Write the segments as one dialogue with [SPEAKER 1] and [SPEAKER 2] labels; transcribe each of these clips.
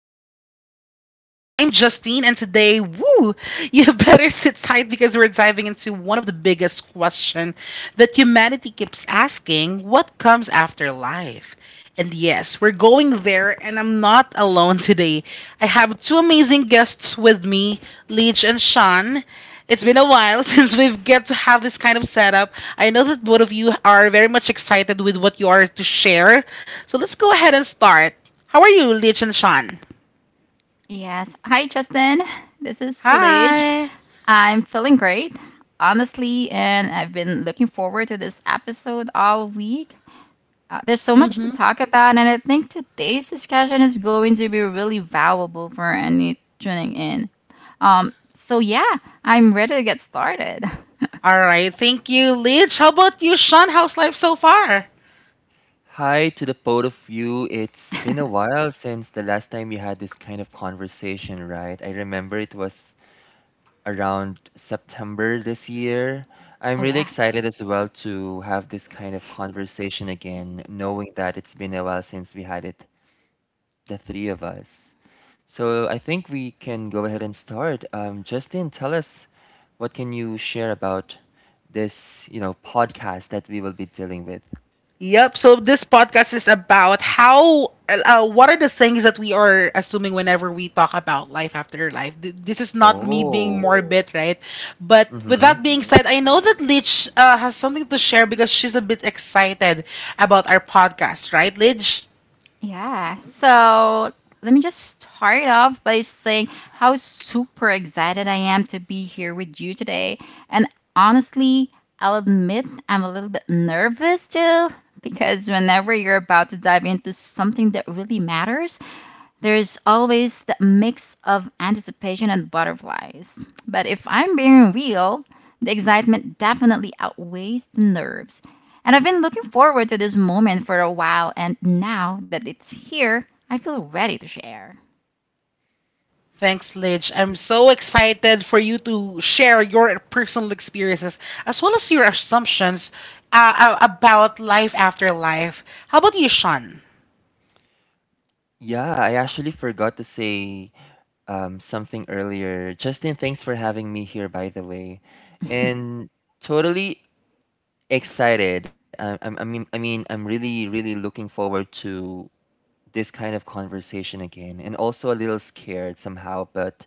[SPEAKER 1] Life After Life. I'm Justine, and today, woo, you better sit tight because we're diving into one of the biggest questions that humanity keeps asking, what comes after life? And yes, we're going there, and I'm not alone today. I have two amazing guests with me, Leech and Sean. It's been a while since we've get to have this kind of setup. I know that both of you are very much excited with what you are to share. So let's go ahead and start. How are you, Lich and Sean?
[SPEAKER 2] Yes. Hi, Justin. This is Lidge.
[SPEAKER 1] Hi.
[SPEAKER 2] I'm feeling great, honestly, and I've been looking forward to this episode all week. There's so much to
[SPEAKER 1] Mm-hmm.
[SPEAKER 2] talk about, and I think today's discussion is going to be really valuable for any tuning in. So I'm ready to get started.
[SPEAKER 1] All right. Thank you, Lich. How about you, Sean? How's life so far?
[SPEAKER 3] Hi to the both of you. It's been a while since the last time we had this kind of conversation, right? I remember it was around September this year. I'm
[SPEAKER 2] Oh
[SPEAKER 3] really
[SPEAKER 2] yeah.
[SPEAKER 3] excited as well to have this kind of conversation again, knowing that it's been a while since we had it, the three of us. So I think we can go ahead and start. Justin, tell us what can you share about this podcast that we will be dealing with?
[SPEAKER 1] Yep. So this podcast is about how, what are the things that we are assuming whenever we talk about life after life. This is not me being
[SPEAKER 3] Oh.
[SPEAKER 1] morbid, right? But with that being said, I know that Lidge has something to share because she's a bit excited about our podcast, right, Lidge?
[SPEAKER 2] Yeah. So let me just start off by saying how super excited I am to be here with you today. And honestly, I'll admit I'm a little bit nervous too, because whenever you're about to dive into something that really matters, there's always the mix of anticipation and butterflies. But if I'm being real, the excitement definitely outweighs the nerves. And I've been looking forward to this moment for a while, and now that it's here, I feel ready to share.
[SPEAKER 1] Thanks, Lidge. I'm so excited for you to share your personal experiences as well as your assumptions about life after life. How about you, Sean?
[SPEAKER 3] Yeah, I actually forgot to say something earlier. Justin, thanks for having me here, by the way. And totally excited. I mean, I'm really, really looking forward to this kind of conversation again, and also a little scared somehow, but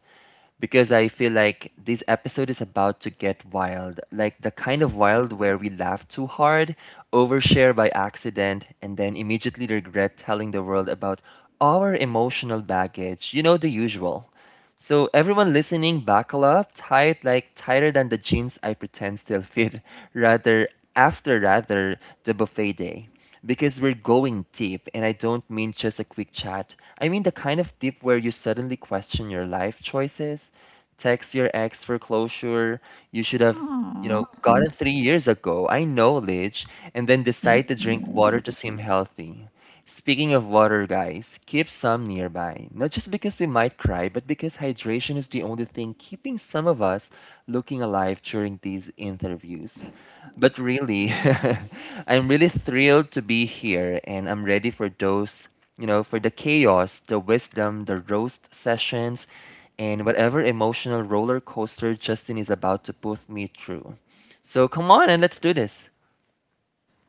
[SPEAKER 3] because I feel like this episode is about to get wild, like the kind of wild where we laugh too hard, overshare by accident, and then immediately regret telling the world about our emotional baggage. You know, the usual. So, everyone listening, buckle up tight, like tighter than the jeans I pretend still fit, rather, after rather, the buffet day because we're going deep, and I don't mean just a quick chat. I mean the kind of deep where you suddenly question your life choices, text your ex for closure, you should have,
[SPEAKER 2] Aww.
[SPEAKER 3] gotten 3 years ago. I know, Lidge, and then decide to drink
[SPEAKER 2] Mm-mm.
[SPEAKER 3] water to seem healthy. Speaking of water, guys, keep some nearby. Not just because we might cry, but because hydration is the only thing keeping some of us looking alive during these interviews. But really, I'm really thrilled to be here and I'm ready for those, for the chaos, the wisdom, the roast sessions, and whatever emotional roller coaster Justin is about to put me through. So come on and let's do this.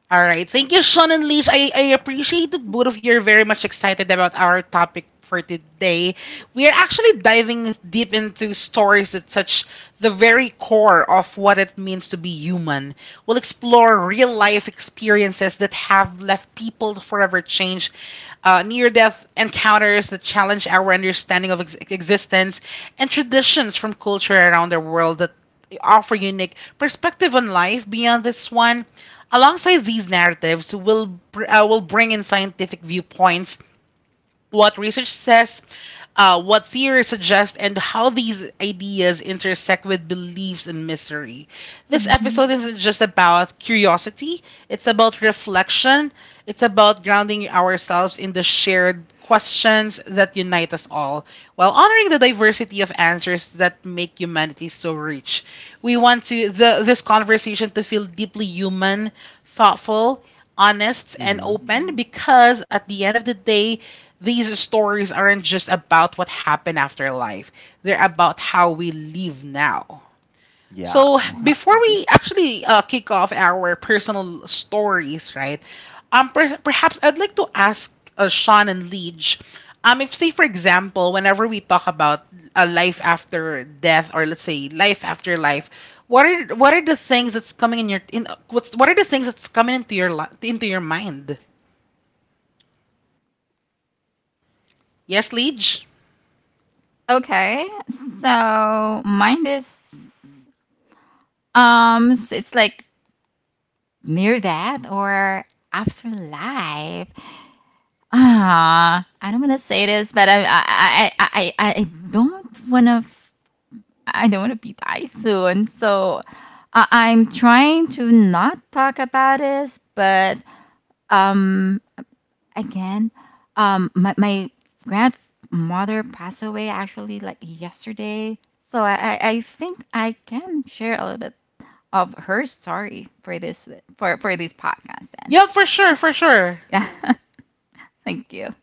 [SPEAKER 1] All right. Thank you, Sean and Liz. I appreciated both of you are very much excited about our topic for today. We are actually diving deep into stories that touch the very core of what it means to be human. We'll explore real life experiences that have left people forever changed, near death encounters that challenge our understanding of existence, and traditions from culture around the world that offer unique perspective on life beyond this one. Alongside these narratives, will bring in scientific viewpoints, what research says, what theory suggests, and how these ideas intersect with beliefs and mystery. This episode
[SPEAKER 2] Mhm.
[SPEAKER 1] isn't just about curiosity, it's about reflection, it's about grounding ourselves in the shared questions that unite us all, while honoring the diversity of answers that make humanity so rich. We want this conversation to feel deeply human, thoughtful, honest and
[SPEAKER 3] hmm
[SPEAKER 1] open because at the end of the day, these stories aren't just about what happened after life. They're about how we live now.
[SPEAKER 3] Yeah.
[SPEAKER 1] So
[SPEAKER 3] Mm-hmm.
[SPEAKER 1] before we actually kick off our personal stories, right? Perhaps I'd like to ask Sean and Liege, if say for example, whenever we talk about a life after death, or let's say life after life, what are the things that's coming in your in what's what are the things that's coming into your into your mind? Yes, Liege.
[SPEAKER 2] Okay, so mine is so it's like near that or afterlife. I don't want to say this, but I don't want to I don't want to be die soon. So I'm trying to not talk about this, but um again, my grandmother passed away actually like yesterday. So I think I can share a little bit of her story for this podcast then.
[SPEAKER 1] Yeah, for sure, for sure.
[SPEAKER 2] Yeah. Thank you.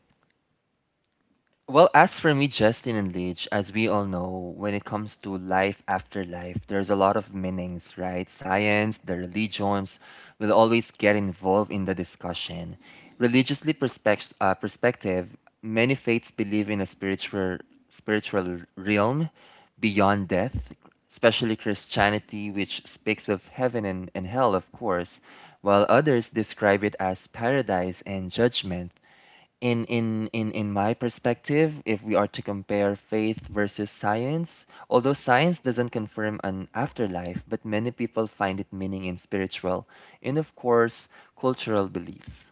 [SPEAKER 3] Well, as for me, Justin and Leach, as we all know, when it comes to life after life, there's a lot of meanings, right? Science, the religions will always get involved in the discussion. Perspective, many faiths believe in a spiritual realm beyond death, especially Christianity, which speaks of heaven and hell, of course, while others describe it as paradise and judgment. In my perspective, if we are to compare faith versus science, although science doesn't confirm an afterlife, but many people find it meaning in spiritual and of course cultural beliefs.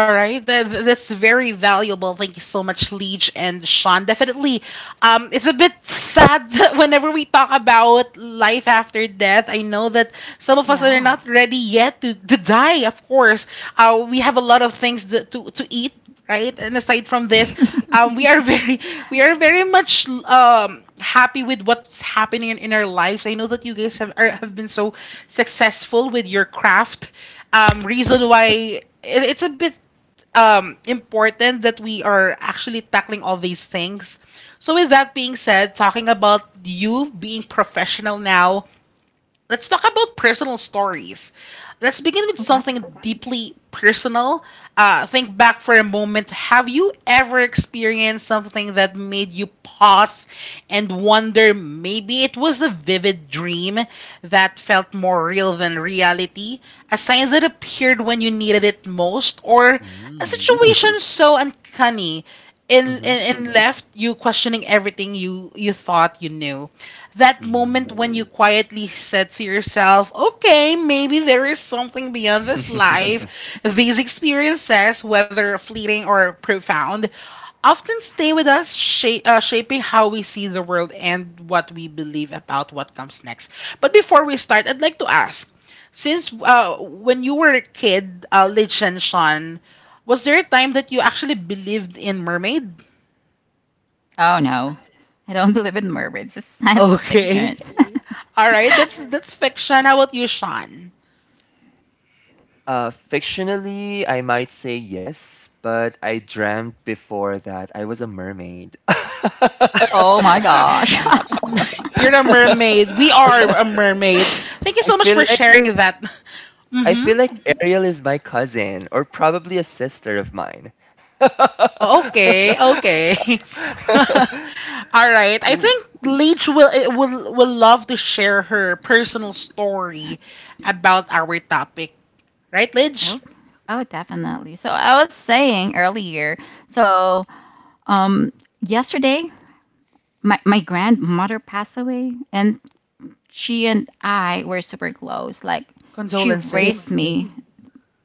[SPEAKER 1] All right, that's very valuable. Thank you so much, Leech and Sean. Definitely, it's a bit sad that whenever we talk about life after death. I know that some of us are
[SPEAKER 2] Yeah.
[SPEAKER 1] not ready yet to die. Of course, we have a lot of things to eat, right? And aside from this, we are very we are very much happy with what's happening in our lives. I know that you guys have been so successful with your craft. Reason why it's a bit important that we are actually tackling all these things. So with that being said, talking about you being professional now, let's talk about personal stories. Let's begin with
[SPEAKER 2] Okay.
[SPEAKER 1] something deeply personal. Think back for a moment. Have you ever experienced something that made you pause and wonder, maybe it was a vivid dream that felt more real than reality? A sign that appeared when you needed it most, or a
[SPEAKER 3] Mm.
[SPEAKER 1] situation so uncanny and,
[SPEAKER 3] Mm-hmm.
[SPEAKER 1] and, and left you questioning everything you thought you knew? That moment
[SPEAKER 3] Mm.
[SPEAKER 1] when you quietly said to yourself, okay, maybe there is something beyond this life. These experiences, whether fleeting or profound, often stay with us, shaping how we see the world and what we believe about what comes next. But before we start, I'd like to ask, since when you were a kid, Lich and Sean, was there a time that you actually believed in mermaid?
[SPEAKER 2] Oh no, I don't believe in mermaids. It's science
[SPEAKER 1] Okay.
[SPEAKER 2] fiction.
[SPEAKER 1] All right, that's fiction. How about you, Sean?
[SPEAKER 3] Fictionally, I might say yes, but I dreamt before that I was a mermaid.
[SPEAKER 2] Oh my gosh.
[SPEAKER 1] You're a mermaid. We are
[SPEAKER 3] I
[SPEAKER 1] a mermaid. Thank you so much
[SPEAKER 3] feel
[SPEAKER 1] for
[SPEAKER 3] like
[SPEAKER 1] sharing that.
[SPEAKER 3] I feel
[SPEAKER 1] Mm-hmm.
[SPEAKER 3] like Ariel is my cousin or probably a sister of mine.
[SPEAKER 1] Okay, okay. All right. I
[SPEAKER 2] Ooh.
[SPEAKER 1] think Leech will eh, will love to share her personal story about our topic. Right, Lidge?
[SPEAKER 2] Oh, oh, definitely. So I was saying earlier, so um yesterday my grandmother passed away and she and I were super close. Like she raised
[SPEAKER 1] Condolences.
[SPEAKER 2] me.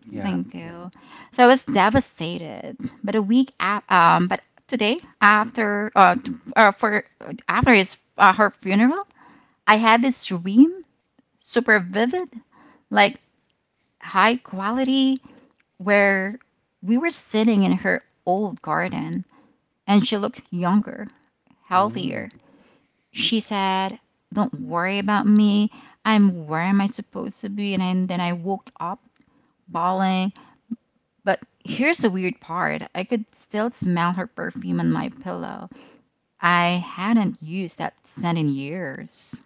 [SPEAKER 3] Yeah.
[SPEAKER 2] Thank you. So I was devastated. But a week after, but today after t- for after his her funeral, I had this dream, super vivid, like high quality, where we were sitting in her old garden and she looked younger,
[SPEAKER 3] Mm.
[SPEAKER 2] healthier. She said, "Don't worry about me. I'm where am I supposed to be?" And then I woke up bawling. But here's the weird part: I could still smell her perfume on my pillow. I hadn't used that scent in years.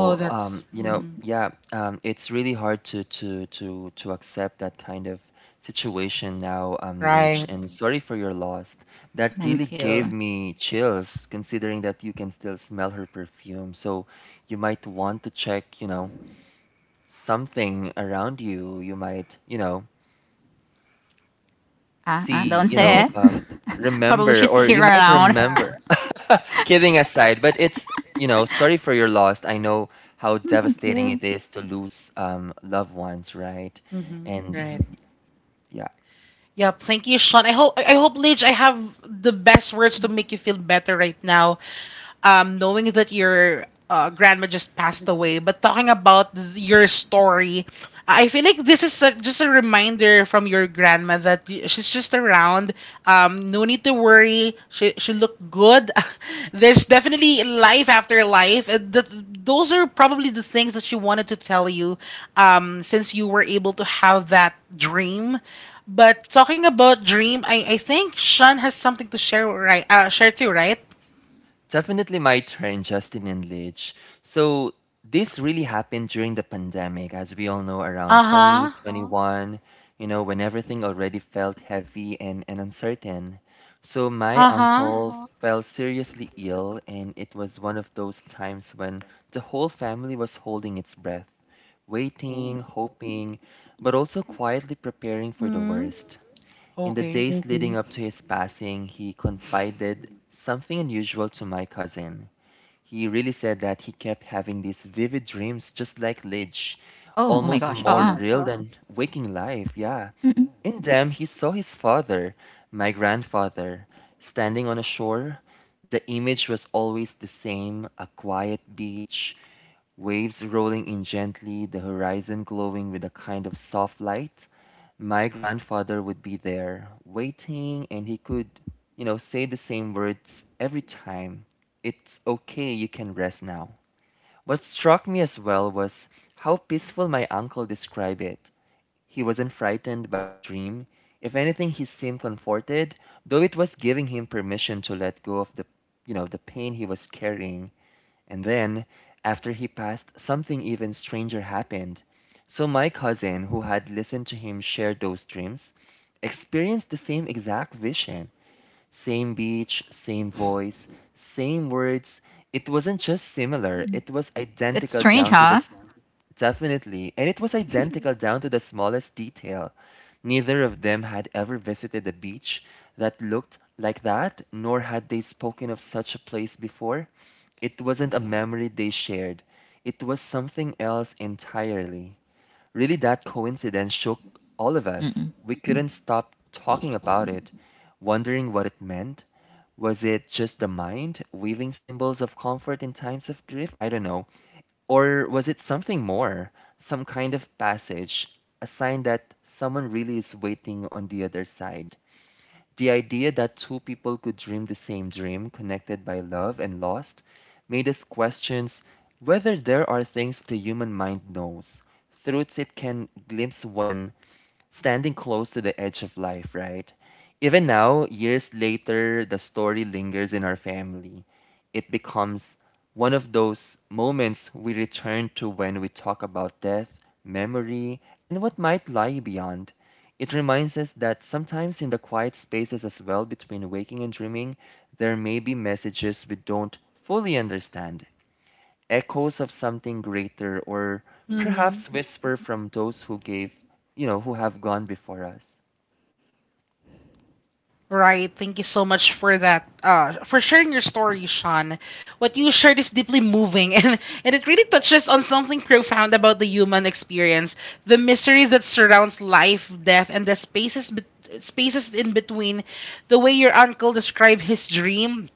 [SPEAKER 1] Oh, that's mhm.
[SPEAKER 3] It's really hard to accept that kind of situation now,
[SPEAKER 1] Right.
[SPEAKER 3] Lich, and sorry for your loss. That really
[SPEAKER 2] Thank you.
[SPEAKER 3] gave me chills, considering that you can still smell her perfume. So you might want to check, something around you. You might,
[SPEAKER 2] Uh-uh,
[SPEAKER 3] see,
[SPEAKER 2] don't say
[SPEAKER 3] Mhm.
[SPEAKER 2] it. Probably
[SPEAKER 3] Remember,
[SPEAKER 2] she's
[SPEAKER 3] or
[SPEAKER 2] here
[SPEAKER 3] you might Yeah.
[SPEAKER 2] around.
[SPEAKER 3] remember. Kidding aside, but sorry for your loss. I know how
[SPEAKER 2] Mm, thank
[SPEAKER 3] devastating
[SPEAKER 2] you.
[SPEAKER 3] it is to lose loved ones, right?
[SPEAKER 1] Hmm.
[SPEAKER 3] And
[SPEAKER 1] Right.
[SPEAKER 3] yeah.
[SPEAKER 1] Yep, thank you, Sean. I hope, Lidge, I have the best words to make you feel better right now. Knowing that your grandma just passed away, but talking about your story, I feel like this is just a reminder from your grandma that she's just around. No need to worry. She looked good. There's definitely life after life. Those are probably the things that she wanted to tell you, since you were able to have that dream. But talking about Dream, I think Sean has something to share, right? Share too, right?
[SPEAKER 3] Definitely my turn, Justin and Lidge. So this really happened during the pandemic, as we all know, around
[SPEAKER 1] Uh-huh.
[SPEAKER 3] twenty-one, you know, when everything already felt heavy and uncertain. So my
[SPEAKER 1] Uh-huh.
[SPEAKER 3] uncle fell seriously ill, and it was one of those times when the whole family was holding its breath, waiting, hoping, but also quietly preparing for the
[SPEAKER 1] Hmm.
[SPEAKER 3] worst. In the
[SPEAKER 1] Okay.
[SPEAKER 3] days leading Mm-hmm. up to his passing, he confided something unusual to my cousin. He really said that he kept having these vivid dreams, just like Lidge,
[SPEAKER 2] Oh, oh my
[SPEAKER 3] almost
[SPEAKER 2] gosh.
[SPEAKER 3] more
[SPEAKER 2] Oh,
[SPEAKER 3] Oh, real wow. than waking life, yeah.
[SPEAKER 2] mm,
[SPEAKER 3] In them, he saw his father, my grandfather, standing on a shore. The image was always the same, a quiet beach, waves rolling in gently, the horizon glowing with a kind of soft light. My grandfather would be there, waiting, and he could, say the same words every time. It's okay, you can rest now. What struck me as well was how peaceful my uncle described it. He wasn't frightened by the dream. If anything, he seemed comforted, though it was giving him permission to let go of the, the pain he was carrying. And then, after he passed, something even stranger happened. So my cousin, who had listened to him share those dreams, experienced the same exact vision, same beach, same voice, same words. It wasn't just similar, it was
[SPEAKER 2] it's
[SPEAKER 3] identical
[SPEAKER 2] strange,
[SPEAKER 3] down to the
[SPEAKER 2] huh?
[SPEAKER 3] Definitely, and it was identical down to the smallest detail. Neither of them had ever visited a beach that looked like that, nor had they spoken of such a place before. It wasn't a memory they shared, it was something else entirely. Really, that coincidence shook all of us.
[SPEAKER 2] Mm-mm.
[SPEAKER 3] We couldn't stop talking about it, wondering what it meant. Was it just the mind weaving symbols of comfort in times of grief? I don't know. Or was it something more? Some kind of passage, a sign that someone really is waiting on the other side. The idea that two people could dream the same dream, connected by love and lost, made us question whether there are things the human mind knows, truths it can glimpse when standing close to the edge of life, right? Even now, years later, the story lingers in our family. It becomes one of those moments we return to when we talk about death, memory, and what might lie beyond. It reminds us that sometimes in the quiet spaces as well between waking and dreaming, there may be messages we don't fully understand echoes of something greater or
[SPEAKER 1] Mm-hmm.
[SPEAKER 3] perhaps whisper from those who gave, who have gone before us.
[SPEAKER 1] Right. Thank you so much for that. For sharing your story, Sean. What you shared is deeply moving, and it really touches on something profound about the human experience, the mysteries that surrounds life, death, and the spaces bet spaces in between. The way your uncle described his dream,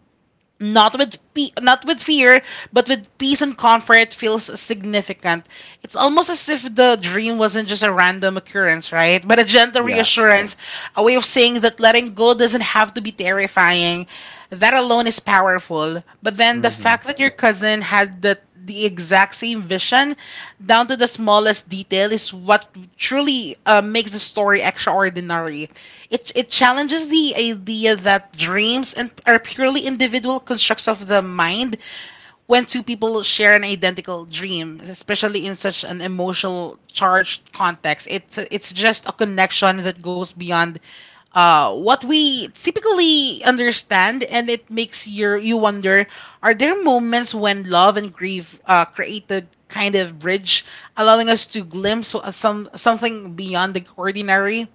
[SPEAKER 1] not with fear, but with peace and comfort, feels significant. It's almost as if the dream wasn't just a random occurrence, right? But a gentle
[SPEAKER 3] Yeah.
[SPEAKER 1] reassurance, a way of saying that letting go doesn't have to be terrifying. That alone is powerful. But then the
[SPEAKER 3] Mhm.
[SPEAKER 1] fact that your cousin had the exact same vision down to the smallest detail is what truly makes the story extraordinary. It challenges the idea that dreams and are purely individual constructs of the mind when two people share an identical dream, especially in such an emotional charged context. It's just a connection that goes beyond what we typically understand, and it makes you wonder: are there moments when love and grief create the kind of bridge, allowing us to glimpse something beyond the ordinary?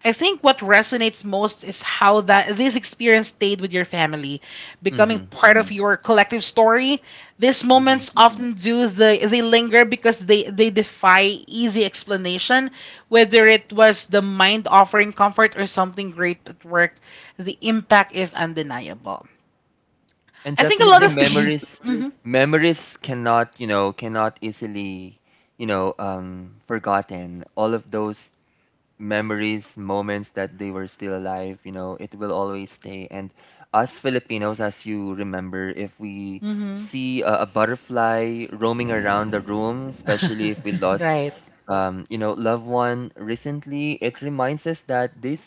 [SPEAKER 1] I think what resonates most is how that this experience stayed with your family, becoming
[SPEAKER 3] Mhm.
[SPEAKER 1] part of your collective story. These
[SPEAKER 3] Mhm.
[SPEAKER 1] moments often do, they linger because they defy easy explanation, whether it was the mind offering comfort or something great at work. The impact is undeniable.
[SPEAKER 3] And
[SPEAKER 1] I think a lot
[SPEAKER 3] definitely
[SPEAKER 1] of people.
[SPEAKER 3] memories
[SPEAKER 1] Hmm.
[SPEAKER 3] memories cannot, cannot easily, forgotten. All of those memories, moments that they were still alive, you know, it will always stay. And us Filipinos, as you remember, if we
[SPEAKER 1] Hmm.
[SPEAKER 3] see a butterfly roaming around the room, especially if we lost,
[SPEAKER 1] Right.
[SPEAKER 3] loved one recently, it reminds us that this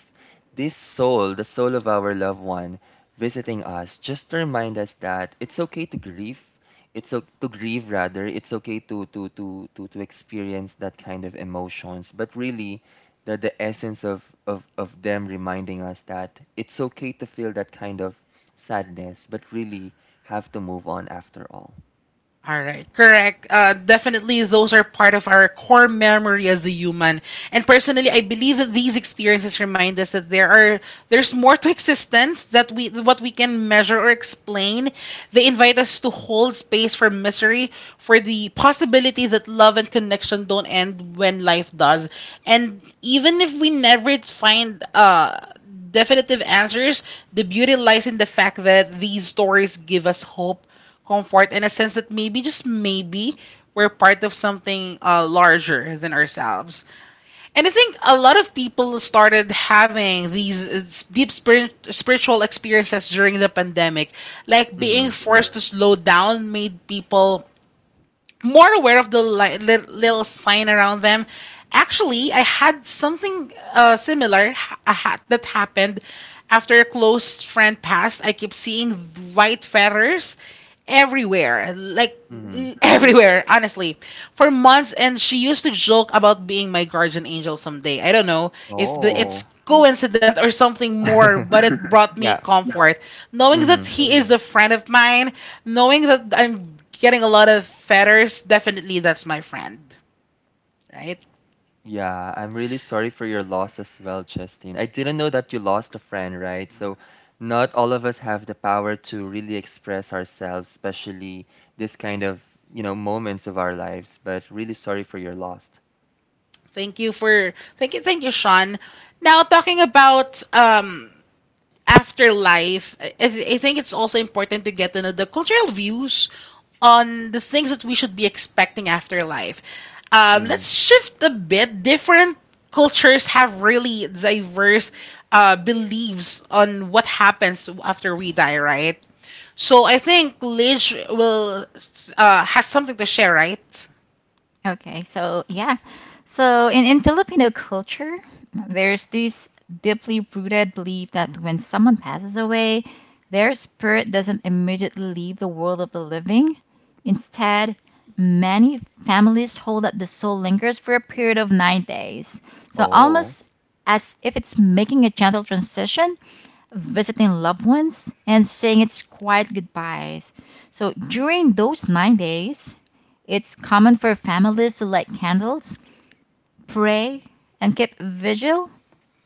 [SPEAKER 3] this soul, the soul of our loved one, visiting us, just to remind us that it's okay to grieve. It's okay to grieve rather. It's okay to experience that kind of emotions. But really, the essence of them reminding us that it's okay to feel that kind of sadness, but really have to move on after all.
[SPEAKER 1] All right, correct. Definitely, those are part of our core memory as a human. And personally, I believe that these experiences remind us that there's more to existence that we what we can measure or explain. They invite us to hold space for misery, for the possibility that love and connection don't end when life does. And even if we never find definitive answers, the beauty lies in the fact that these stories give us hope, comfort in a sense that maybe, just maybe, we're part of something larger than ourselves. And I think a lot of people started having these deep spiritual experiences during the pandemic. Like being
[SPEAKER 3] Mm-hmm.
[SPEAKER 1] forced to slow down made people more aware of the little sign around them. Actually, I had something similar that happened after a close friend passed. I keep seeing white feathers everywhere, like
[SPEAKER 3] Mm-hmm.
[SPEAKER 1] everywhere, honestly, for months. And she used to joke about being my guardian angel someday. I don't know if the,
[SPEAKER 3] Oh.
[SPEAKER 1] it's coincident or something more, but it brought me yeah,
[SPEAKER 3] Yeah.
[SPEAKER 1] comfort knowing
[SPEAKER 3] Mm-hmm.
[SPEAKER 1] that he is a friend of mine, knowing that I'm getting a lot of fetters, definitely that's my friend, right?
[SPEAKER 3] Yeah, I'm really sorry for your loss as well, Justine. I didn't know that you lost a friend, right? So not all of us have the power to really express ourselves, especially this kind of, moments of our lives, but really sorry for your loss.
[SPEAKER 1] Thank you for thank you, Sean. Now talking about afterlife, I think it's also important to get to know the cultural views on the things that we should be expecting after life. Let's
[SPEAKER 3] Mm.
[SPEAKER 1] shift a bit. Different cultures have really diverse beliefs on what happens after we die, right? So I think Lidge will has something to share, right?
[SPEAKER 2] Okay, so yeah. So in Filipino culture, there's this deeply rooted belief that when someone passes away, their spirit doesn't immediately leave the world of the living. Instead, many families hold that the soul lingers for a period of 9 days. So
[SPEAKER 3] Oh.
[SPEAKER 2] almost as if it's making a gentle transition, visiting loved ones, and saying its quiet goodbyes. So during those 9 days, it's common for families to light candles, pray, and keep vigil,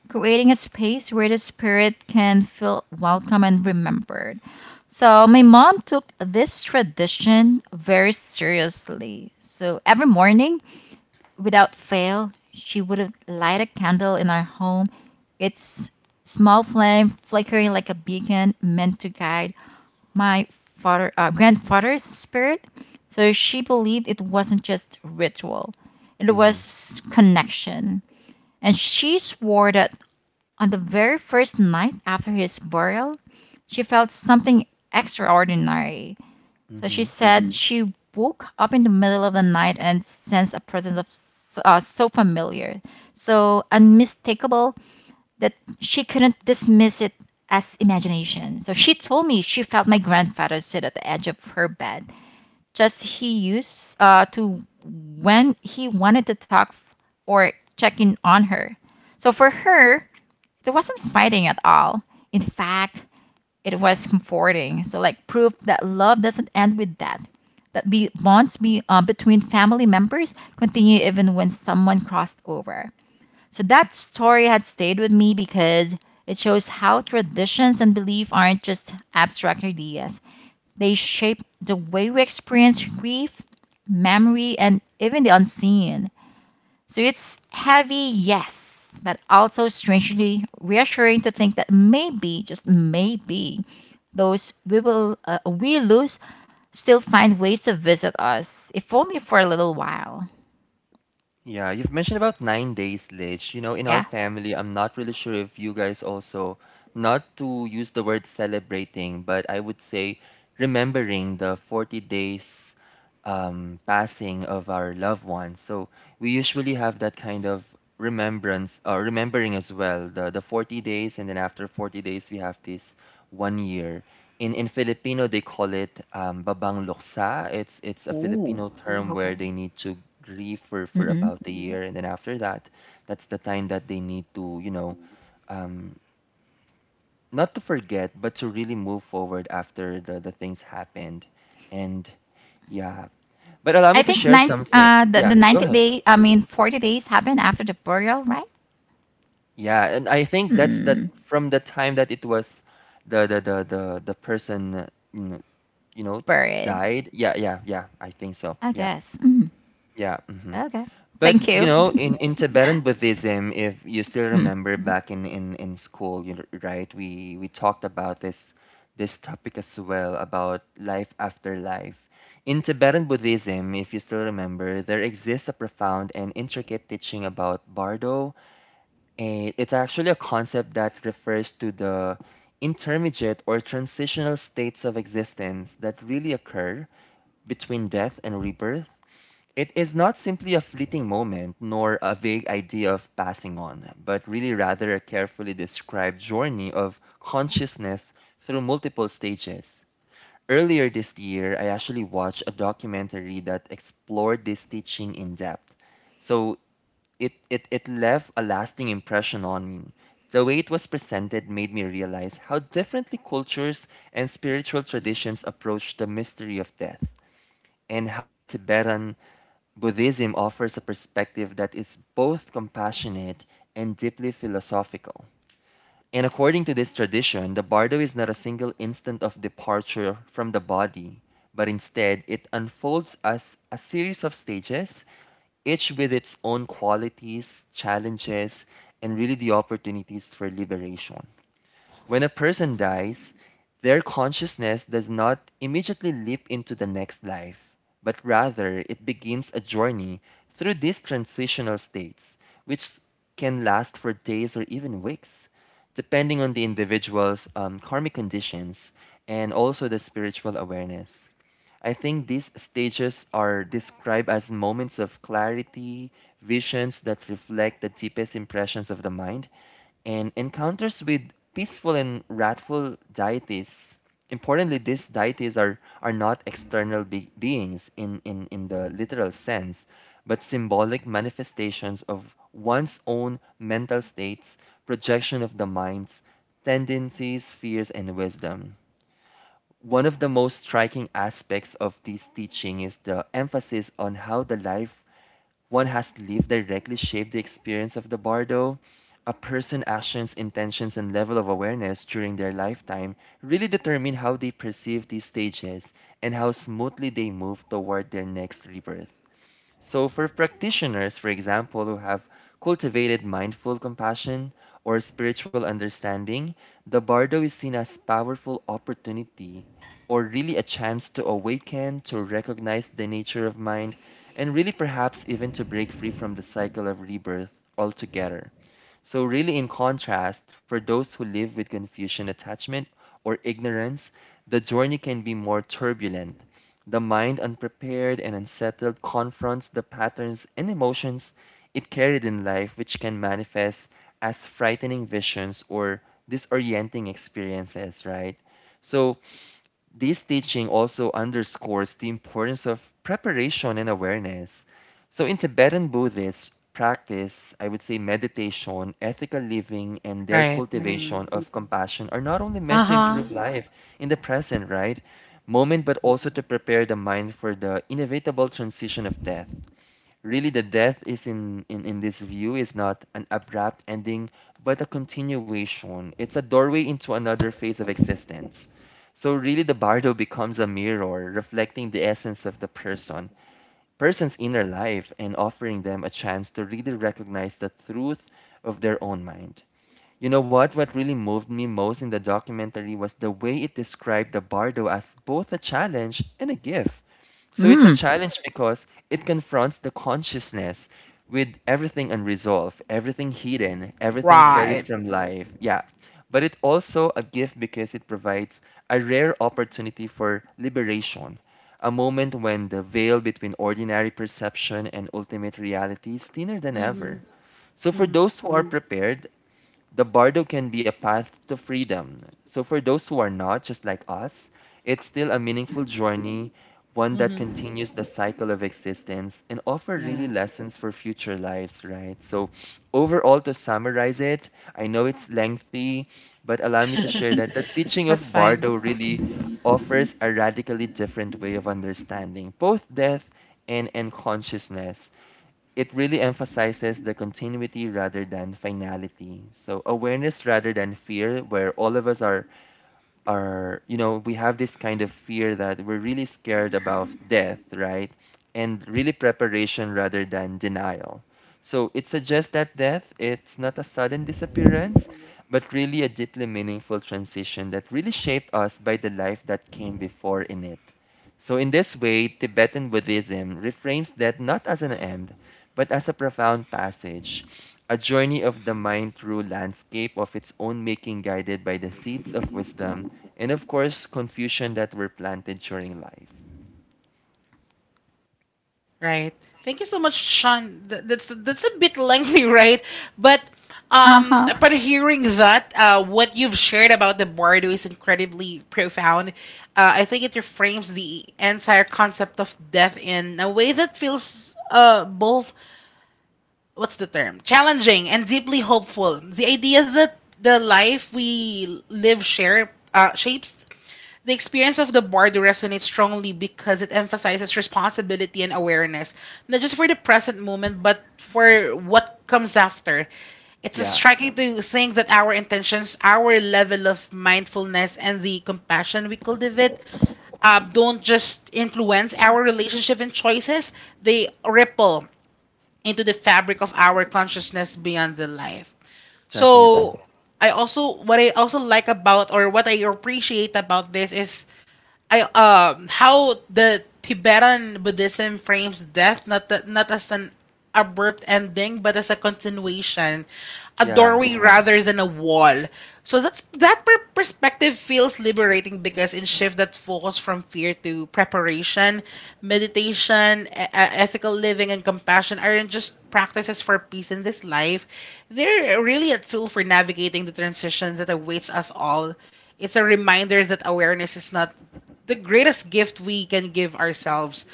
[SPEAKER 2] creating a space where the spirit can feel welcome and remembered. So my mom took this tradition very seriously. So every morning, without fail, she would light a candle in our home, its small flame flickering like a beacon meant to guide my grandfather's spirit. So she believed it wasn't just ritual, it
[SPEAKER 3] Mm-hmm.
[SPEAKER 2] was connection. And she swore that on the very first night after his burial, she felt something extraordinary. So she
[SPEAKER 3] Mm-hmm.
[SPEAKER 2] said, Mhm. she woke up in the middle of the night and sensed a presence of so familiar, so unmistakable that she couldn't dismiss it as imagination. So she told me she felt my grandfather sit at the edge of her bed, just he used to when he wanted to talk or check in on her. So for her, there wasn't fighting at all. In fact, it was comforting. So, like, proof that love doesn't end with death. That bonds between family members continue even when someone crossed over. So, that story had stayed with me because it shows how traditions and belief aren't just abstract ideas, they shape the way we experience grief, memory, and even the unseen. So it's heavy, yes, but also strangely reassuring to think that maybe, just maybe, those we lose still find ways to visit us, if only for a little while.
[SPEAKER 3] Yeah, you've mentioned about 9 days, Lich. You know, in our
[SPEAKER 2] Yeah.
[SPEAKER 3] family, I'm not really sure if you guys also, not to use the word celebrating, but I would say remembering the 40 days passing of our loved ones. So we usually have that kind of remembrance, remembering as well, the 40 days, and then after 40 days, we have this one year. In Filipino, they call it "babang luksa." It's a
[SPEAKER 2] Ooh.
[SPEAKER 3] Filipino term where
[SPEAKER 2] Okay.
[SPEAKER 3] they need to grieve for
[SPEAKER 2] Mm-mm.
[SPEAKER 3] about a year, and then after that, that's the time that they need to, um, not to forget, but to really move forward after the things happened. And yeah, but allow
[SPEAKER 2] I
[SPEAKER 3] me to
[SPEAKER 2] think
[SPEAKER 3] share
[SPEAKER 2] nine
[SPEAKER 3] something.
[SPEAKER 2] uh the,
[SPEAKER 3] Yeah,
[SPEAKER 2] the
[SPEAKER 3] go
[SPEAKER 2] 90
[SPEAKER 3] ahead.
[SPEAKER 2] day, I mean 40 days happen after the burial, right?
[SPEAKER 3] Yeah, and I think that's that
[SPEAKER 2] Hmm.
[SPEAKER 3] from the time that it was the person you know
[SPEAKER 2] Buried.
[SPEAKER 3] died. Yeah, yeah, yeah. I think so.
[SPEAKER 2] I
[SPEAKER 3] Yeah.
[SPEAKER 2] guess. Mm.
[SPEAKER 3] Yeah.
[SPEAKER 2] Okay.
[SPEAKER 3] But
[SPEAKER 2] Thank
[SPEAKER 3] you
[SPEAKER 2] you.
[SPEAKER 3] know, in, in Tibetan Buddhism, if you still
[SPEAKER 2] Mm.
[SPEAKER 3] remember Mhm. back in, in school, you know, right? We talked about this this topic as well about life after life. In Tibetan Buddhism, if you still remember, there exists a profound and intricate teaching about bardo. And it's actually a concept that refers to the intermediate or transitional states of existence that really occur between death and rebirth. It is not simply a fleeting moment nor a vague idea of passing on, but really rather a carefully described journey of consciousness through multiple stages. Earlier this year, I actually watched a documentary that explored this teaching in depth. So it left a lasting impression on me. The way it was presented made me realize how differently cultures and spiritual traditions approach the mystery of death and how the Tibetan Buddhism offers a perspective that is both compassionate and deeply philosophical. And according to this tradition, the bardo is not a single instant of departure from the body, but instead it unfolds as a series of stages, each with its own qualities, challenges, and really the opportunities for liberation. When a person dies, their consciousness does not immediately leap into the next life, but rather it begins a journey through these transitional states, which can last for days or even weeks, depending on the individual's karmic conditions and also the spiritual awareness. I think these stages are described as moments of clarity, visions that reflect the deepest impressions of the mind, and encounters with peaceful and wrathful deities. Importantly, these deities are not external beings in the literal sense, but symbolic manifestations of one's own mental states, projection of the mind's tendencies, fears, and wisdom. One of the most striking aspects of this teaching is the emphasis on how the life one has lived directly shaped the experience of the bardo. A person's actions, intentions, and level of awareness during their lifetime really determine how they perceive these stages and how smoothly they move toward their next rebirth. So, for practitioners, for example, who have cultivated mindful compassion or spiritual understanding, the bardo is seen as powerful opportunity or really a chance to awaken, to recognize the nature of mind, and really perhaps even to break free from the cycle of rebirth altogether. So, really, in contrast, for those who live with Confucian attachment or ignorance, the journey can be more turbulent, the mind, unprepared and unsettled, confronts the patterns and emotions it carried in life, which can manifest as frightening visions or disorienting experiences, right? So, this teaching also underscores the importance of preparation and awareness. So, in Tibetan Buddhist practice, I would say meditation, ethical living, and their
[SPEAKER 1] Right.
[SPEAKER 3] cultivation of compassion are not only
[SPEAKER 1] Uh
[SPEAKER 3] meant to
[SPEAKER 1] huh.
[SPEAKER 3] improve life in the present, right? Moment, but also to prepare the mind for the inevitable transition of death. Really, the death is in this view is not an abrupt ending, but a continuation. It's a doorway into another phase of existence. So really, the bardo becomes a mirror, reflecting the essence of the person, person's inner life, and offering them a chance to really recognize the truth of their own mind. You know what? What really moved me most in the documentary was the way it described the bardo as both a challenge and a gift. So it's a
[SPEAKER 2] Mm.
[SPEAKER 3] challenge because it confronts the consciousness with everything unresolved, everything hidden, everything carried
[SPEAKER 1] Right.
[SPEAKER 3] from life. Yeah. But it also a gift because it provides a rare opportunity for liberation, a moment when the veil between ordinary perception and ultimate reality is thinner than
[SPEAKER 1] Mhm.
[SPEAKER 3] ever. So for
[SPEAKER 1] Mhm.
[SPEAKER 3] those who are prepared, the bardo can be a path to freedom. So for those who are not, just like us, it's still a meaningful journey, one that
[SPEAKER 1] Mhm.
[SPEAKER 3] continues the cycle of existence and offer
[SPEAKER 1] Yeah.
[SPEAKER 3] really lessons for future lives, right? So overall, to summarize it, I know it's lengthy, but allow me to share that the teaching
[SPEAKER 1] That's
[SPEAKER 3] of
[SPEAKER 1] fine.
[SPEAKER 3] bardo really offers a radically different way of understanding both death and consciousness it really emphasizes the continuity rather than finality. So awareness rather than fear, where all of us are, you know, we have this kind of fear that we're really scared about death, right? And really preparation rather than denial. So it suggests that death, it's not a sudden disappearance, but really a deeply meaningful transition that really shaped us by the life that came before in it. So in this way, Tibetan Buddhism reframes death not as an end, but as a profound passage, a journey of the mind through landscape of its own making guided by the seeds of wisdom and of course, confusion that were planted during life.
[SPEAKER 1] Right. Thank you so much, Sean. That's a bit lengthy, right? But um,
[SPEAKER 2] Uh-huh.
[SPEAKER 1] but hearing that, what you've shared about the bardo is incredibly profound. I think it reframes the entire concept of death in a way that feels both, what's the term, challenging and deeply hopeful. The idea that the life we live share shapes the experience of the board resonates strongly because it emphasizes responsibility and awareness, not just for the present moment, but for what comes after. It's
[SPEAKER 3] Yeah,
[SPEAKER 1] striking to think that our intentions, our level of mindfulness, and the compassion we cultivate don't just influence our relationship and choices, they ripple into the fabric of our consciousness beyond the life.
[SPEAKER 3] definitely.
[SPEAKER 1] So I also what I also like about or what I appreciate about this is I how the Tibetan Buddhism frames death not as an abrupt ending but as a continuation, a
[SPEAKER 3] Yeah,
[SPEAKER 1] doorway rather than a wall. So perspective feels liberating because it shifts that focus from fear to preparation, meditation, ethical living, and compassion aren't just practices for peace in this life. They're really a tool for navigating the transitions that awaits us all. It's a reminder that awareness is not the greatest gift we can give ourselves,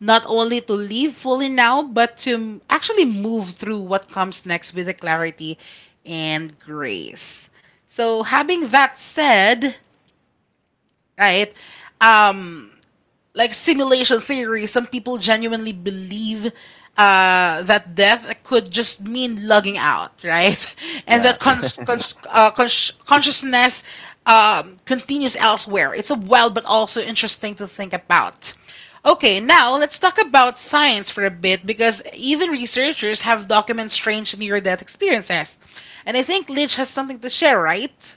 [SPEAKER 1] not only to live fully now, but to actually move through what comes next with the clarity and grace. So, having that said, right, um, like simulation theory, some people genuinely believe that death could just mean lugging out, right? And
[SPEAKER 3] yeah.
[SPEAKER 1] that consciousness continues elsewhere. It's a wild but also interesting to think about. Okay, now let's talk about science for a bit because even researchers have documented strange near death experiences. And I think Lidge has something to share, right?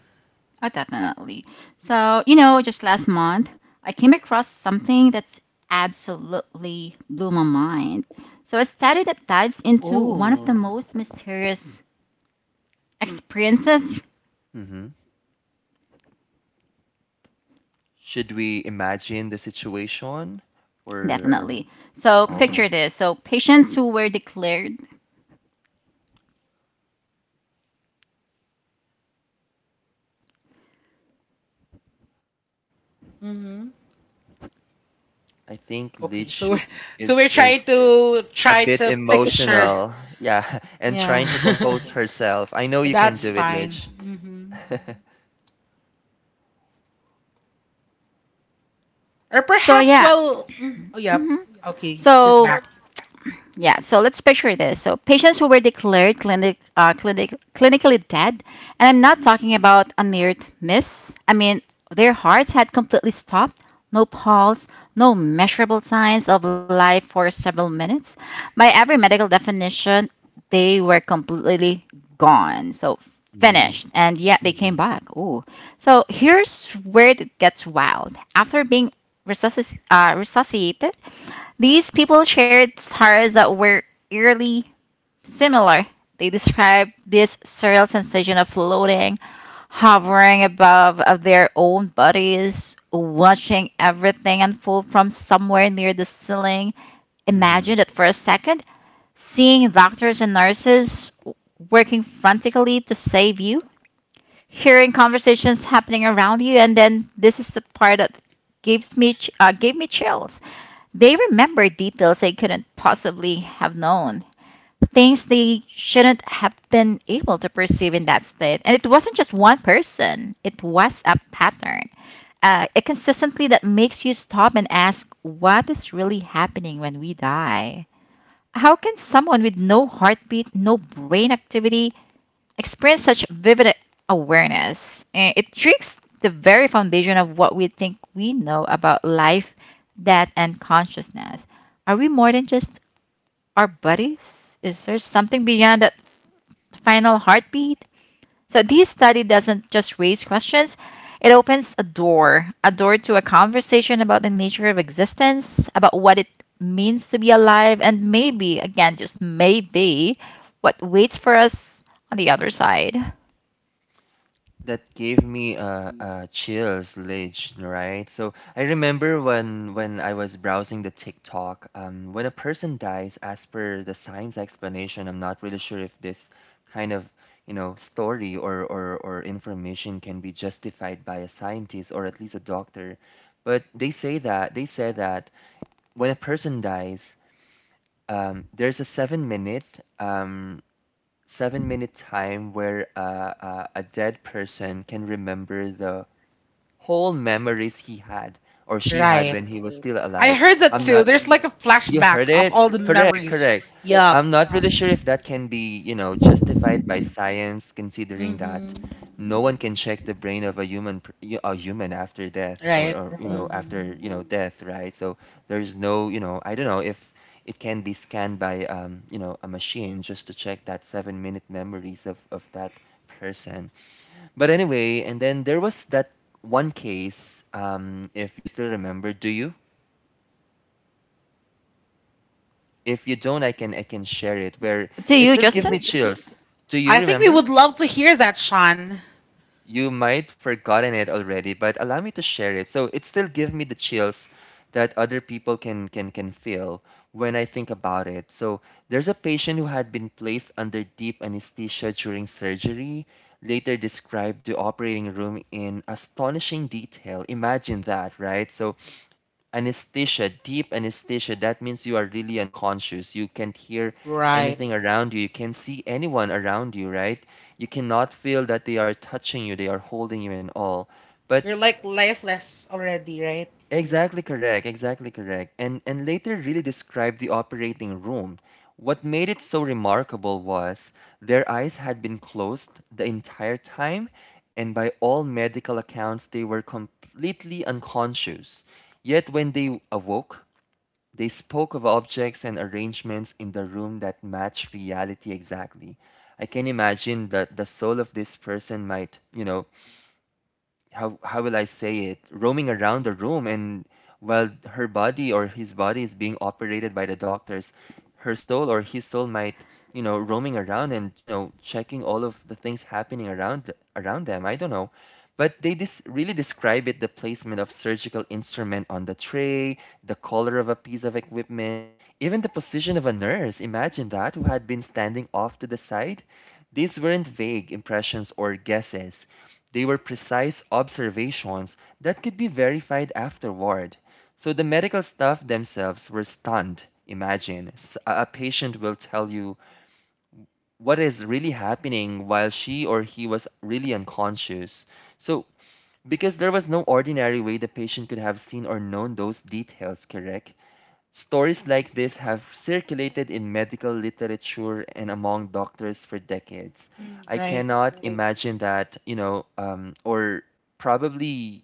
[SPEAKER 2] Oh, definitely. So, you know, just last month, I came across something that's absolutely blew my mind. So, a study that dives into one of the
[SPEAKER 1] Oh,
[SPEAKER 2] most mysterious experiences.
[SPEAKER 3] hmm Should we imagine the situation or or
[SPEAKER 2] Definitely. So,
[SPEAKER 3] oh,
[SPEAKER 2] picture this. So, patients who were declared.
[SPEAKER 1] mm-hmm.
[SPEAKER 3] I think
[SPEAKER 1] Okay, so
[SPEAKER 3] Leech
[SPEAKER 1] so we're
[SPEAKER 3] is
[SPEAKER 1] trying
[SPEAKER 3] is
[SPEAKER 1] to
[SPEAKER 3] a
[SPEAKER 1] try
[SPEAKER 3] bit
[SPEAKER 1] to picture.
[SPEAKER 3] emotional. Yeah, and
[SPEAKER 1] Yeah,
[SPEAKER 3] trying to compose herself. I know you can
[SPEAKER 1] that's
[SPEAKER 3] do it,
[SPEAKER 1] fine.
[SPEAKER 3] Leech.
[SPEAKER 1] Hmm. Or
[SPEAKER 2] So,
[SPEAKER 1] perhaps,
[SPEAKER 2] yeah.
[SPEAKER 1] well, oh, yeah,
[SPEAKER 2] Mhm.
[SPEAKER 1] okay, she's
[SPEAKER 2] So,
[SPEAKER 1] back.
[SPEAKER 2] yeah, so let's picture this. So patients who were declared clinically dead, and I'm not talking about a near miss. I mean, their hearts had completely stopped, no pulse, no measurable signs of life for several minutes. By every medical definition, they were completely gone. So
[SPEAKER 3] Mm-hmm.
[SPEAKER 2] finished, and yet they came back. Ooh. So here's where it gets wild. After being resuscitated, these people shared stars that were eerily similar. They described this surreal sensation of floating, hovering above of their own bodies, watching everything unfold from somewhere near the ceiling.
[SPEAKER 3] Mm-hmm.
[SPEAKER 2] Imagine that for a second, seeing doctors and nurses working frantically to save you, hearing conversations happening around you, and then this is the part that gave me chills. They remembered details they couldn't possibly have known, things they shouldn't have been able to perceive in that state. And it wasn't just one person, it was a pattern, a consistency that makes you stop and ask, what is really happening when we die? How can someone with no heartbeat, no brain activity, experience such vivid awareness? It tricks the very foundation of what we think we know about life, death, and consciousness. Are we more than just our bodies? Is there something beyond that final heartbeat? So, this study doesn't just raise questions, it opens a door, a door to a conversation about the nature of existence, about what it means to be alive, and maybe, again, just maybe, what waits for us on the other side.
[SPEAKER 3] That gave me chills, Lidge, right? So I remember when I was browsing the TikTok, when a person dies, as per the science explanation, I'm not really sure if this kind of, you know, story or information can be justified by a scientist or at least a doctor. But they say that when a person dies, there's a 7-minute 7-minute time where a dead person can remember the whole memories he had or she had
[SPEAKER 1] Right.
[SPEAKER 3] when he was still
[SPEAKER 1] I
[SPEAKER 3] alive.
[SPEAKER 1] heard that
[SPEAKER 3] I'm
[SPEAKER 1] too.
[SPEAKER 3] not
[SPEAKER 1] There's like a
[SPEAKER 3] you
[SPEAKER 1] flashback
[SPEAKER 3] heard
[SPEAKER 1] of
[SPEAKER 3] it?
[SPEAKER 1] all the
[SPEAKER 3] Correct,
[SPEAKER 1] memories.
[SPEAKER 3] correct.
[SPEAKER 1] Yup.
[SPEAKER 3] I'm not really sure if that can be, you know, justified by science, considering that
[SPEAKER 1] Hmm.
[SPEAKER 3] no one can check the brain of a human, a human after death,
[SPEAKER 1] Right.
[SPEAKER 3] or you Mhm. know,
[SPEAKER 1] Hmm.
[SPEAKER 3] after you know death, right? So there's no, you know, I don't know if it can be scanned by, you know, a machine just to check that seven-minute memories of that person. But anyway, and then there was that one case, if you still remember, do you? If you don't, I can share it where
[SPEAKER 2] Do
[SPEAKER 3] it
[SPEAKER 2] you,
[SPEAKER 3] still give me
[SPEAKER 2] Justin?
[SPEAKER 3] chills. Do you
[SPEAKER 1] I think we
[SPEAKER 3] remember?
[SPEAKER 1] would love to hear that, Sean.
[SPEAKER 3] You might forgotten it already, but allow me to share it. So it still give me the chills that other people can feel when I think about it. So there's a patient who had been placed under deep anesthesia during surgery, later described the operating room in astonishing detail. Imagine that, right? So anesthesia, deep anesthesia. That means you are really unconscious. You can't hear
[SPEAKER 1] Right.
[SPEAKER 3] anything around you. You can't see anyone around you, right? You cannot feel that they are touching you, they are holding you and all. But
[SPEAKER 1] You're like lifeless already, right?
[SPEAKER 3] exactly correct, exactly correct. And later really described the operating room. What made it so remarkable was their eyes had been closed the entire time, and by all medical accounts, they were completely unconscious. Yet when they awoke, they spoke of objects and arrangements in the room that matched reality exactly. I can imagine that the soul of this person might, you know, how will I say it, roaming around the room and while her body or his body is being operated by the doctors, her soul or his soul might, you know, roaming around and, you know, checking all of the things happening around them. I don't know. But they dis really describe it, the placement of surgical instrument on the tray, the color of a piece of equipment, even the position of a nurse. Imagine that, who had been standing off to the side. These weren't vague impressions or guesses. They were precise observations that could be verified afterward. So the medical staff themselves were stunned. Imagine a patient will tell you what is really happening while she or he was really unconscious. So, because there was no ordinary way the patient could have seen or known those details, correct? Stories like this have circulated in medical literature and among doctors for decades.
[SPEAKER 1] Mm.
[SPEAKER 3] I
[SPEAKER 1] Right.
[SPEAKER 3] cannot Right. imagine that, you know, or probably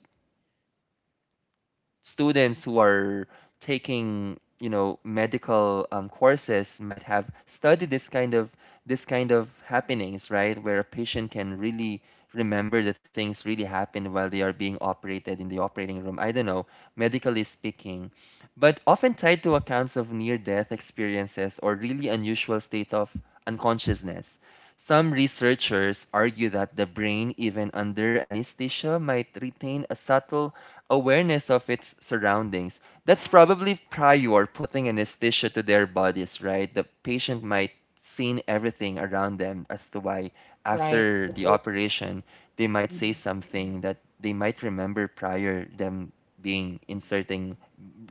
[SPEAKER 3] students who are taking you know medical courses might have studied this kind of happenings right where a patient can really remember the things really happened while they are being operated in the operating room I don't know medically speaking but often tied to accounts of near death experiences or really unusual state of unconsciousness some researchers argue that the brain, even under anesthesia, might retain a subtle awareness of its surroundings. That's probably prior putting anesthesia to their bodies, right? The patient might seen everything around them as to why
[SPEAKER 1] Right.
[SPEAKER 3] after the operation they might say
[SPEAKER 1] Hmm.
[SPEAKER 3] something that they might remember prior them being inserting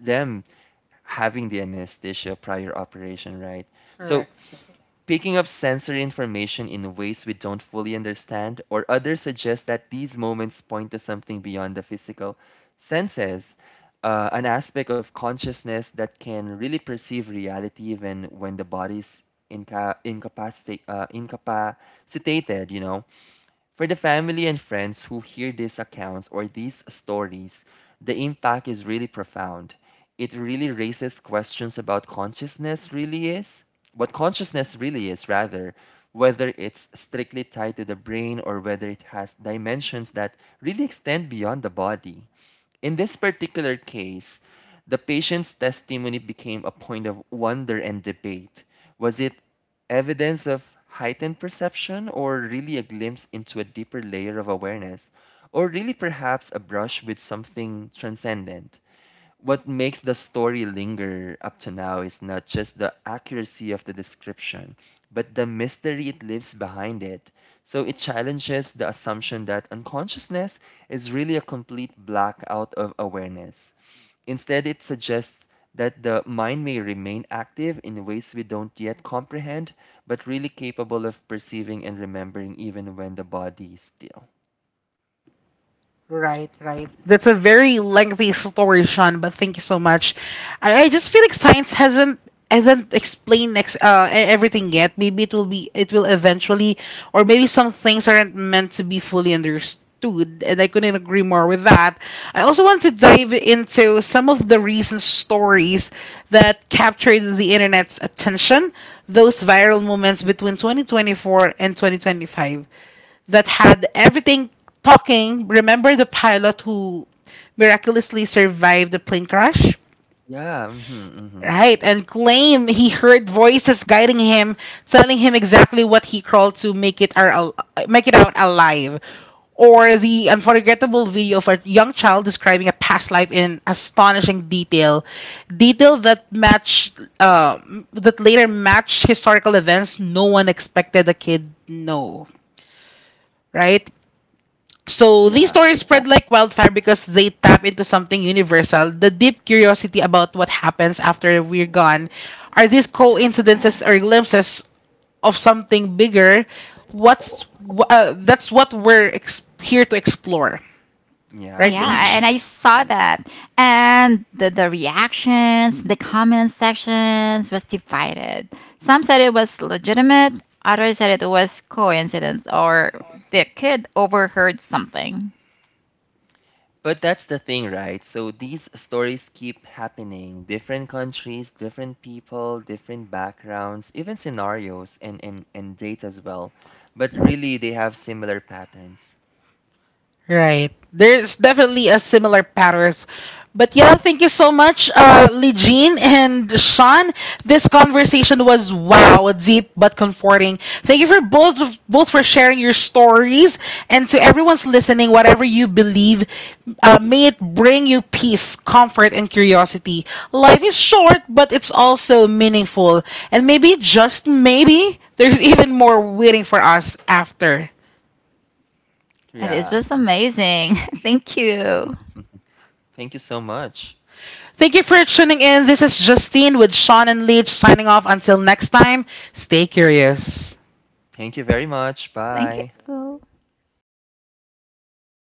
[SPEAKER 3] them having the anesthesia prior operation, right? So
[SPEAKER 1] Correct.
[SPEAKER 3] Picking up sensory information in ways we don't fully understand, or others suggest that these moments point to something beyond the physical senses, an aspect of consciousness that can really perceive reality even when the body's incapacitated, you know. For the family and friends who hear these accounts or these stories, the impact is really profound. It really raises questions about consciousness really is, what consciousness really is, rather, whether it's strictly tied to the brain or whether it has dimensions that really extend beyond the body. In this particular case, the patient's testimony became a point of wonder and debate. Was it evidence of heightened perception, or really a glimpse into a deeper layer of awareness, or really perhaps a brush with something transcendent? What makes the story linger up to now is not just the accuracy of the description, but the mystery it leaves behind it. So it challenges the assumption that unconsciousness is really a complete blackout of awareness. Instead, it suggests that the mind may remain active in ways we don't yet comprehend, but really capable of perceiving and remembering even when the body is still.
[SPEAKER 1] Right, right. That's a very lengthy story, Sean, but thank you so much. I just feel like science hasn't explained everything yet. Maybe it will eventually, or maybe some things aren't meant to be fully understood, and I couldn't agree more with that. I also want to dive into some of the recent stories that captured the internet's attention, those viral moments between 2024 and 2025 that had everything talking. Remember the pilot who miraculously survived the plane crash?
[SPEAKER 3] Yeah, hmm hmm
[SPEAKER 1] Right, and claim he heard voices guiding him, telling him exactly what he crawled to make it out alive. Or the unforgettable video of a young child describing a past life in astonishing detail, detail that matched that later matched historical events no one expected the kid know. Right, so these
[SPEAKER 3] Yeah,
[SPEAKER 1] stories spread like wildfire because they tap into something universal. The deep curiosity about what happens after we're gone. Are these coincidences or glimpses of something bigger? That's what we're here to explore,
[SPEAKER 3] yeah,
[SPEAKER 1] right, yeah.
[SPEAKER 2] Yeah,
[SPEAKER 1] Leech?
[SPEAKER 2] and
[SPEAKER 3] mhm.
[SPEAKER 2] I saw that. And the reactions, the comment sections was divided. Some said it was legitimate, others said it was coincidence or the kid overheard something.
[SPEAKER 3] But that's the thing, right? So these stories keep happening. Different countries, different people, different backgrounds, even scenarios and dates as well. But really, they have similar patterns.
[SPEAKER 1] Right. There's definitely a similar patterns. But yeah, thank you so much, Lejean and Sean. This conversation was, wow, deep but comforting. Thank you both for sharing your stories, and to everyone's listening, whatever you believe, may it bring you peace, comfort, and curiosity. Life is short, but it's also meaningful, and maybe, just maybe, there's even more waiting for us after.
[SPEAKER 2] And it
[SPEAKER 3] Yeah.
[SPEAKER 2] was amazing. Thank you.
[SPEAKER 3] Mhm. Thank you so much.
[SPEAKER 1] Thank you for tuning in. This is Justine with Sean and Leach signing off. Until next time, stay curious.
[SPEAKER 3] Thank you very much.
[SPEAKER 2] Thank
[SPEAKER 3] Bye.
[SPEAKER 2] you.